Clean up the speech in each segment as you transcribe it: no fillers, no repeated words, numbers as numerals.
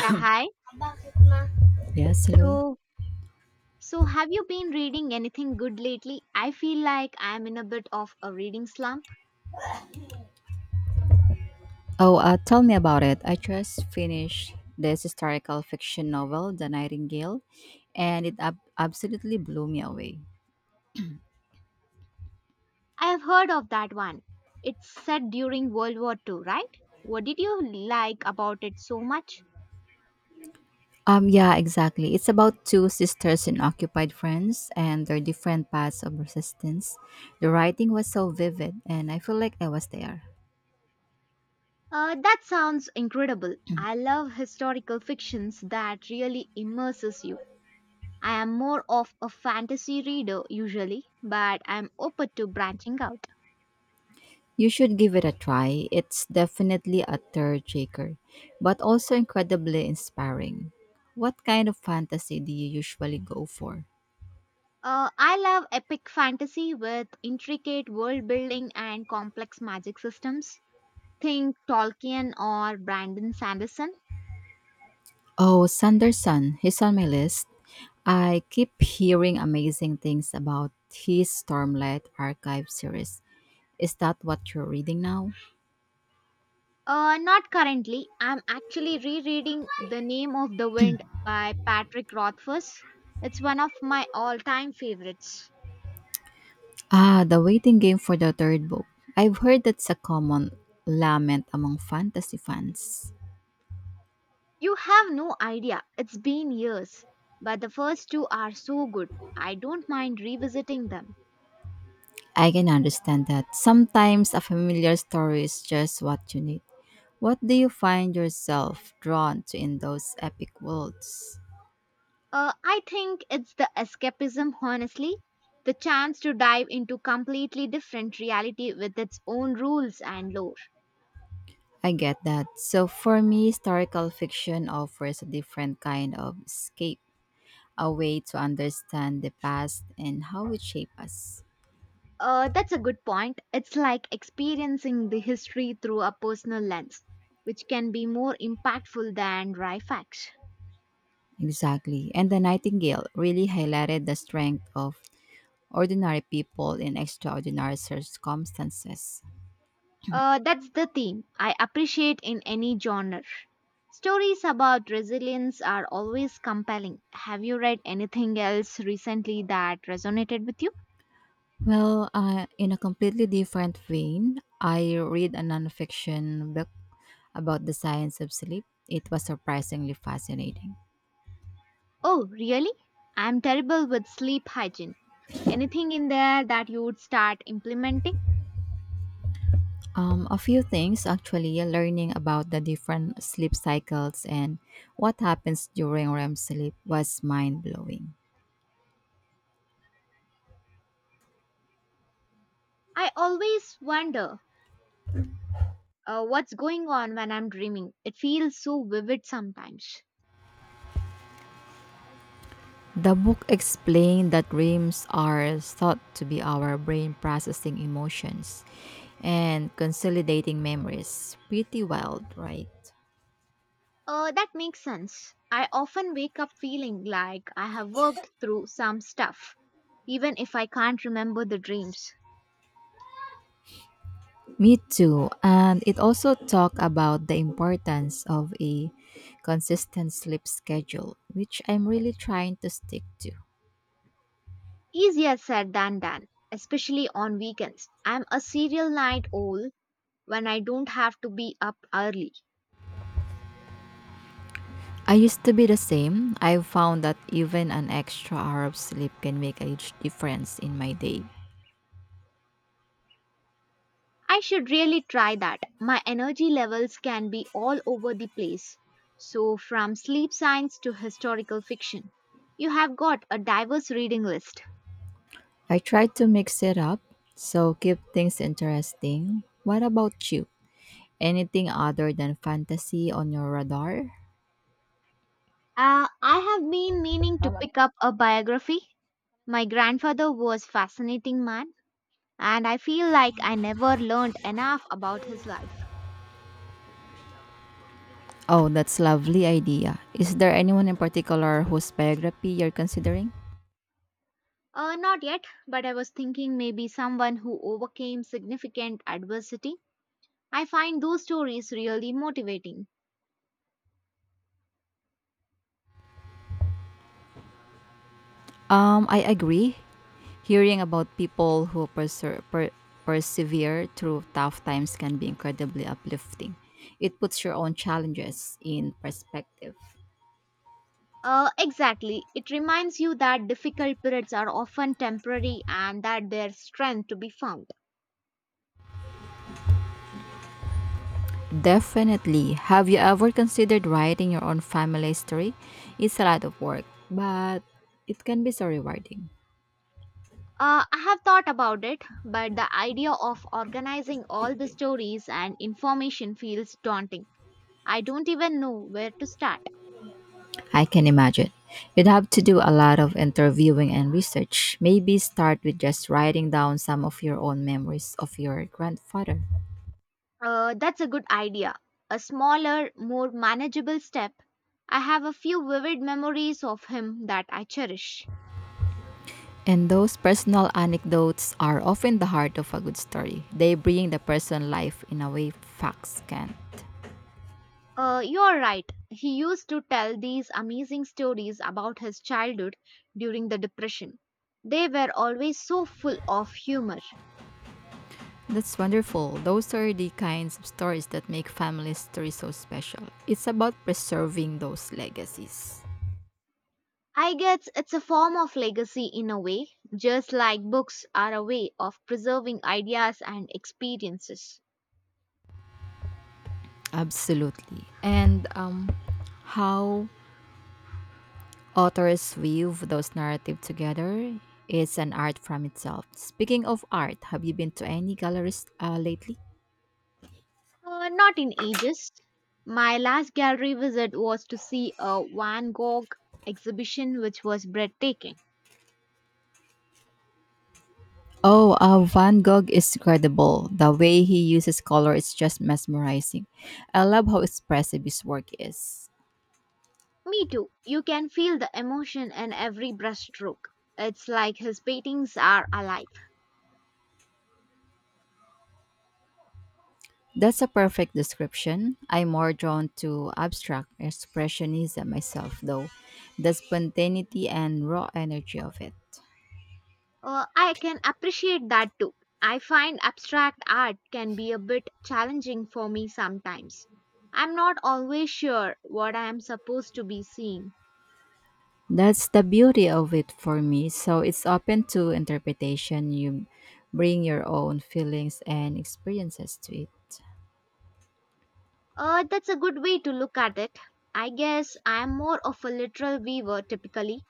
Yeah, hi. Yes, hello. So, so have you been reading anything good lately? I feel like I am in a bit of a reading slump. Oh, tell me about it. I just finished this historical fiction novel, The Nightingale, and it absolutely blew me away. I have heard of that one. It's set during World War II, right? What did you like about it so much? Yeah, exactly. It's about two sisters in occupied France and their different paths of resistance. The writing was so vivid, and I feel like I was there. That sounds incredible. I love historical fictions that really immerses you. I am more of a fantasy reader usually, but I'm open to branching out. You should give it a try. It's definitely a third shaker, but also incredibly inspiring. What kind of fantasy do you usually go for? I love epic fantasy with intricate world building and complex magic systems. Think Tolkien or Brandon Sanderson. Oh, Sanderson, he's on my list. I keep hearing amazing things about his Stormlight Archive series. Is that what you're reading now? Not currently. I'm actually rereading The Name of the Wind by Patrick Rothfuss. It's one of my all time favorites. Ah, the waiting game for the third book. I've heard that's a common lament among fantasy fans. You have no idea. It's been years. But the first two are so good. I don't mind revisiting them. I can understand that. Sometimes a familiar story is just what you need. What do you find yourself drawn to in those epic worlds? I think it's the escapism, honestly. The chance to dive into completely different reality with its own rules and lore. I get that. So for me, historical fiction offers a different kind of escape, a way to understand the past and how it shaped us. That's a good point. It's like experiencing the history through a personal lens, which can be more impactful than dry facts. Exactly. And The Nightingale really highlighted the strength of ordinary people in extraordinary circumstances. That's the theme I appreciate in any genre. Stories about resilience are always compelling. Have you read anything else recently that resonated with you? Well, in a completely different vein, I read a nonfiction book about the science of sleep. It was surprisingly fascinating. Oh, really? I'm terrible with sleep hygiene. Anything in there that you would start implementing? A few things actually learning about the different sleep cycles and what happens during REM sleep was mind blowing. I always wonder what's going on when I'm dreaming. It feels so vivid sometimes. The book explained that REMs are thought to be our brain processing emotions and consolidating memories. Pretty wild, right? That makes sense. I often wake up feeling like I have worked through some stuff, even if I can't remember the dreams. Me too. And it also talked about the importance of a consistent sleep schedule, which I'm really trying to stick to. Easier said than done, especially on weekends. I'm a serial night owl when I don't have to be up early. I used to be the same. I've found that even an extra hour of sleep can make a huge difference in my day. I should really try that. My energy levels can be all over the place. So, from sleep science to historical fiction, you have got a diverse reading list. I try to mix it up, so keep things interesting. What about you? Anything other than fantasy on your radar? I have been meaning to pick up a biography. My grandfather was fascinating man, and I feel like I never learned enough about his life. Oh, that's lovely idea. Is there anyone in particular whose biography you're considering? Not yet, but I was thinking maybe someone who overcame significant adversity. I find those stories really motivating. I agree. Hearing about people who persevere through tough times can be incredibly uplifting. It puts your own challenges in perspective. Exactly. It reminds you that difficult periods are often temporary and that there's strength to be found. Definitely. Have you ever considered writing your own family history? It's a lot of work, but it can be so rewarding. I have thought about it, but the idea of organizing all the stories and information feels daunting. I don't even know where to start. I can imagine. You'd have to do a lot of interviewing and research. Maybe start with just writing down some of your own memories of your grandfather. That's a good idea. A smaller, more manageable step. I have a few vivid memories of him that I cherish. And those personal anecdotes are often the heart of a good story. They bring the person life in a way facts can't. You're right. He used to tell these amazing stories about his childhood during the Depression. They were always so full of humor. That's wonderful. Those are the kinds of stories that make family stories so special. It's about preserving those legacies. I guess it's a form of legacy in a way, just like books are a way of preserving ideas and experiences. Absolutely. And how authors weave those narratives together is an art from itself. Speaking of art, have you been to any galleries lately? Not in ages. My last gallery visit was to see a Van Gogh exhibition, which was breathtaking. Oh, Van Gogh is incredible. The way he uses color is just mesmerizing. I love how expressive his work is. Me too. You can feel the emotion in every brushstroke. It's like his paintings are alive. That's a perfect description. I'm more drawn to abstract expressionism myself, though. The spontaneity and raw energy of it. I can appreciate that too. I find abstract art can be a bit challenging for me sometimes. I'm not always sure what I am supposed to be seeing. That's the beauty of it for me. So it's open to interpretation. You bring your own feelings and experiences to it. That's a good way to look at it. I guess I'm more of a literal weaver typically.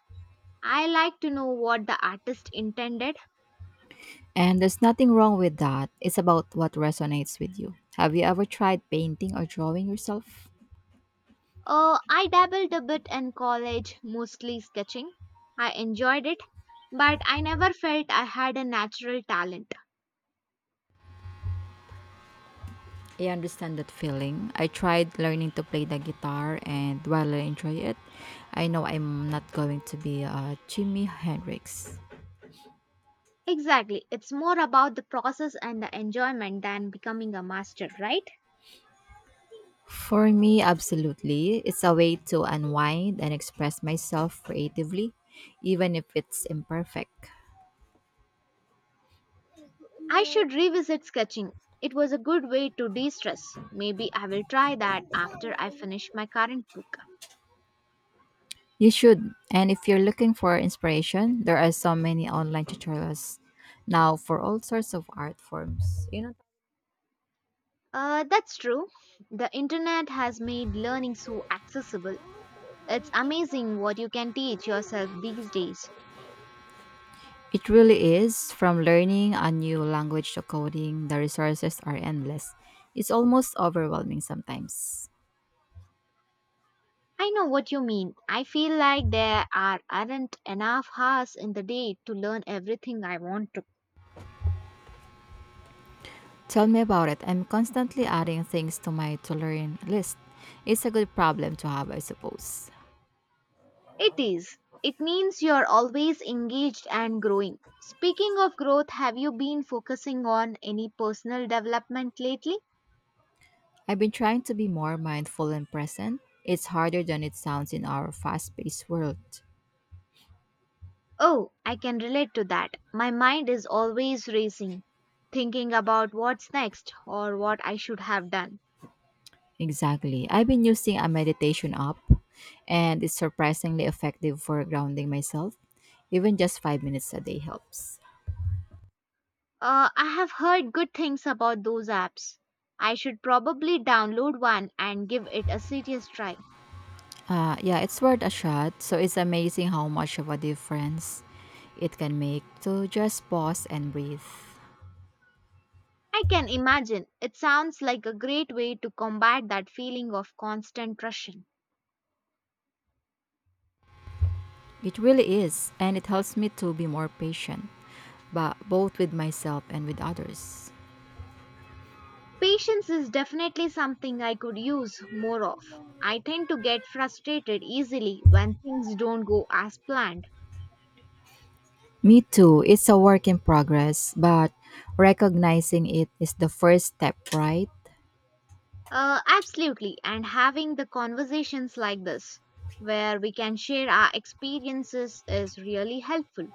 I like to know what the artist intended. And there's nothing wrong with that. It's about what resonates with you. Have you ever tried painting or drawing yourself? I dabbled a bit in college, mostly sketching. I enjoyed it, but I never felt I had a natural talent. I understand that feeling. I tried learning to play the guitar, and while I enjoy it, I know I'm not going to be a Jimi Hendrix. Exactly, it's more about the process and the enjoyment than becoming a master, right? For me, absolutely. It's a way to unwind and express myself creatively, even if it's imperfect. I should revisit sketching. It was a good way to de stress. Maybe I will try that after I finish my current book. You should. And if you're looking for inspiration, there are so many online tutorials now for all sorts of art forms. That's true. The internet has made learning so accessible. It's amazing what you can teach yourself these days. It really is from learning a new language to coding, the resources are endless. It's almost overwhelming sometimes. I know what you mean. I feel like there are, aren't enough hours in the day to learn everything I want to. Tell me about it. I'm constantly adding things to my to learn list. It's a good problem to have, I suppose. It is. It means you're always engaged and growing. Speaking of growth, have you been focusing on any personal development lately? I've been trying to be more mindful and present. It's harder than it sounds in our fast paced world. Oh, I can relate to that. My mind is always racing, thinking about what's next or what I should have done. Exactly. I've been using a meditation app and it's surprisingly effective for grounding myself. Even just five minutes a day helps. I have heard good things about those apps. I should probably download one and give it a serious try. Yeah, it's worth a shot. So it's amazing how much of a difference it can make to just pause and breathe. I can imagine it sounds like a great way to combat that feeling of constant rushing. It really is, and it helps me to be more patient, but both with myself and with others. Patience is definitely something I could use more of. I tend to get frustrated easily when things don't go as planned. Me too. It's a work in progress, but recognizing it is the first step, right? Absolutely, and having the conversations like this, where we can share our experiences, is really helpful.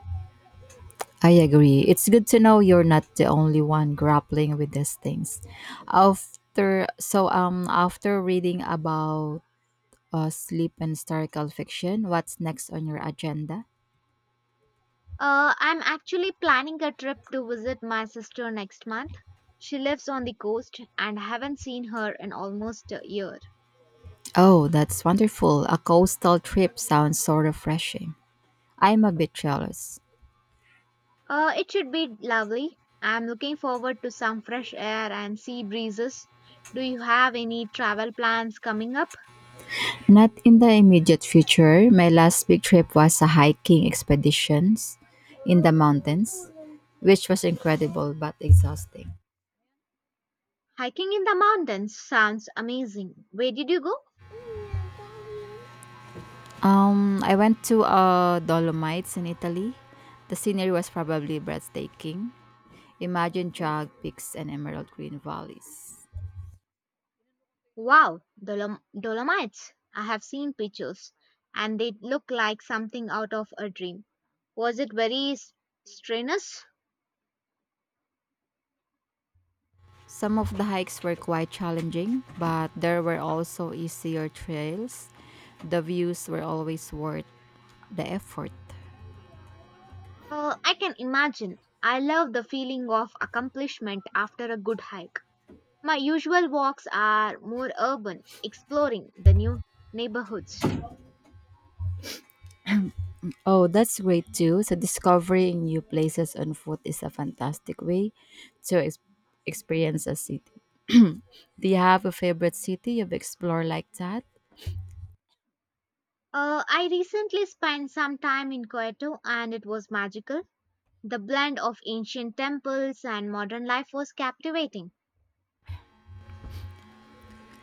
I agree. It's good to know you're not the only one grappling with these things. After reading about sleep and historical fiction, what's next on your agenda? I'm actually planning a trip to visit my sister next month. She lives on the coast and haven't seen her in almost a year. Oh, that's wonderful. A coastal trip sounds so refreshing. I'm a bit jealous. It should be lovely. I'm looking forward to some fresh air and sea breezes. Do you have any travel plans coming up? Not in the immediate future. My last big trip was a hiking expeditions in the mountains, which was incredible but exhausting. Hiking in the mountains sounds amazing. Where did you go? I went to Dolomites in Italy. The scenery was probably breathtaking. Imagine chalk peaks and emerald green valleys. Wow, Dolomites. I have seen pictures and they look like something out of a dream. Was it very strenuous? Some of the hikes were quite challenging, but there were also easier trails. The views were always worth the effort. I can imagine. I love the feeling of accomplishment after a good hike. My usual walks are more urban, exploring the new neighborhoods. Oh, that's great too. So, discovering new places on foot is a fantastic way to experience a city. Do you have a favorite city you've explored like that? I recently spent some time in Kyoto and it was magical. The blend of ancient temples and modern life was captivating.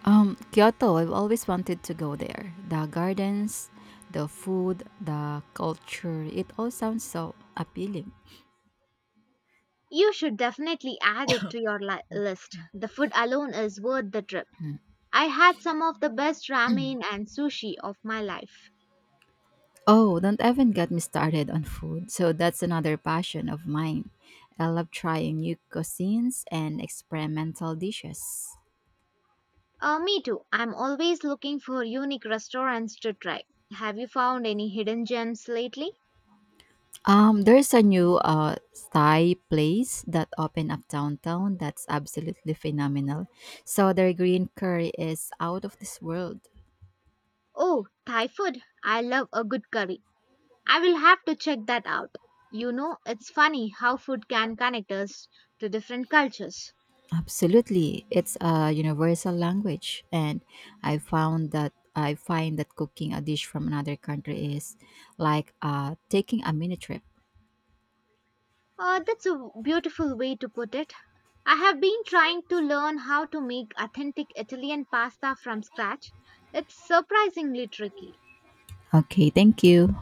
Kyoto, I've always wanted to go there. The gardens, the food, the culture, it all sounds so appealing. You should definitely add it to your list. The food alone is worth the trip. I had some of the best ramen and sushi of my life. Oh, don't even get me started on food. So that's another passion of mine. I love trying new cuisines and experimental dishes. Me too. I'm always looking for unique restaurants to try. Have you found any hidden gems lately? There's a new Thai place that opened up downtown that's absolutely phenomenal. So their green curry is out of this world. Oh, Thai food. I love a good curry. I will have to check that out. You know, it's funny how food can connect us to different cultures. Absolutely. It's a universal language and I find that cooking a dish from another country is like taking a mini trip. That's a beautiful way to put it. I have been trying to learn how to make authentic Italian pasta from scratch. It's surprisingly tricky. Okay, thank you.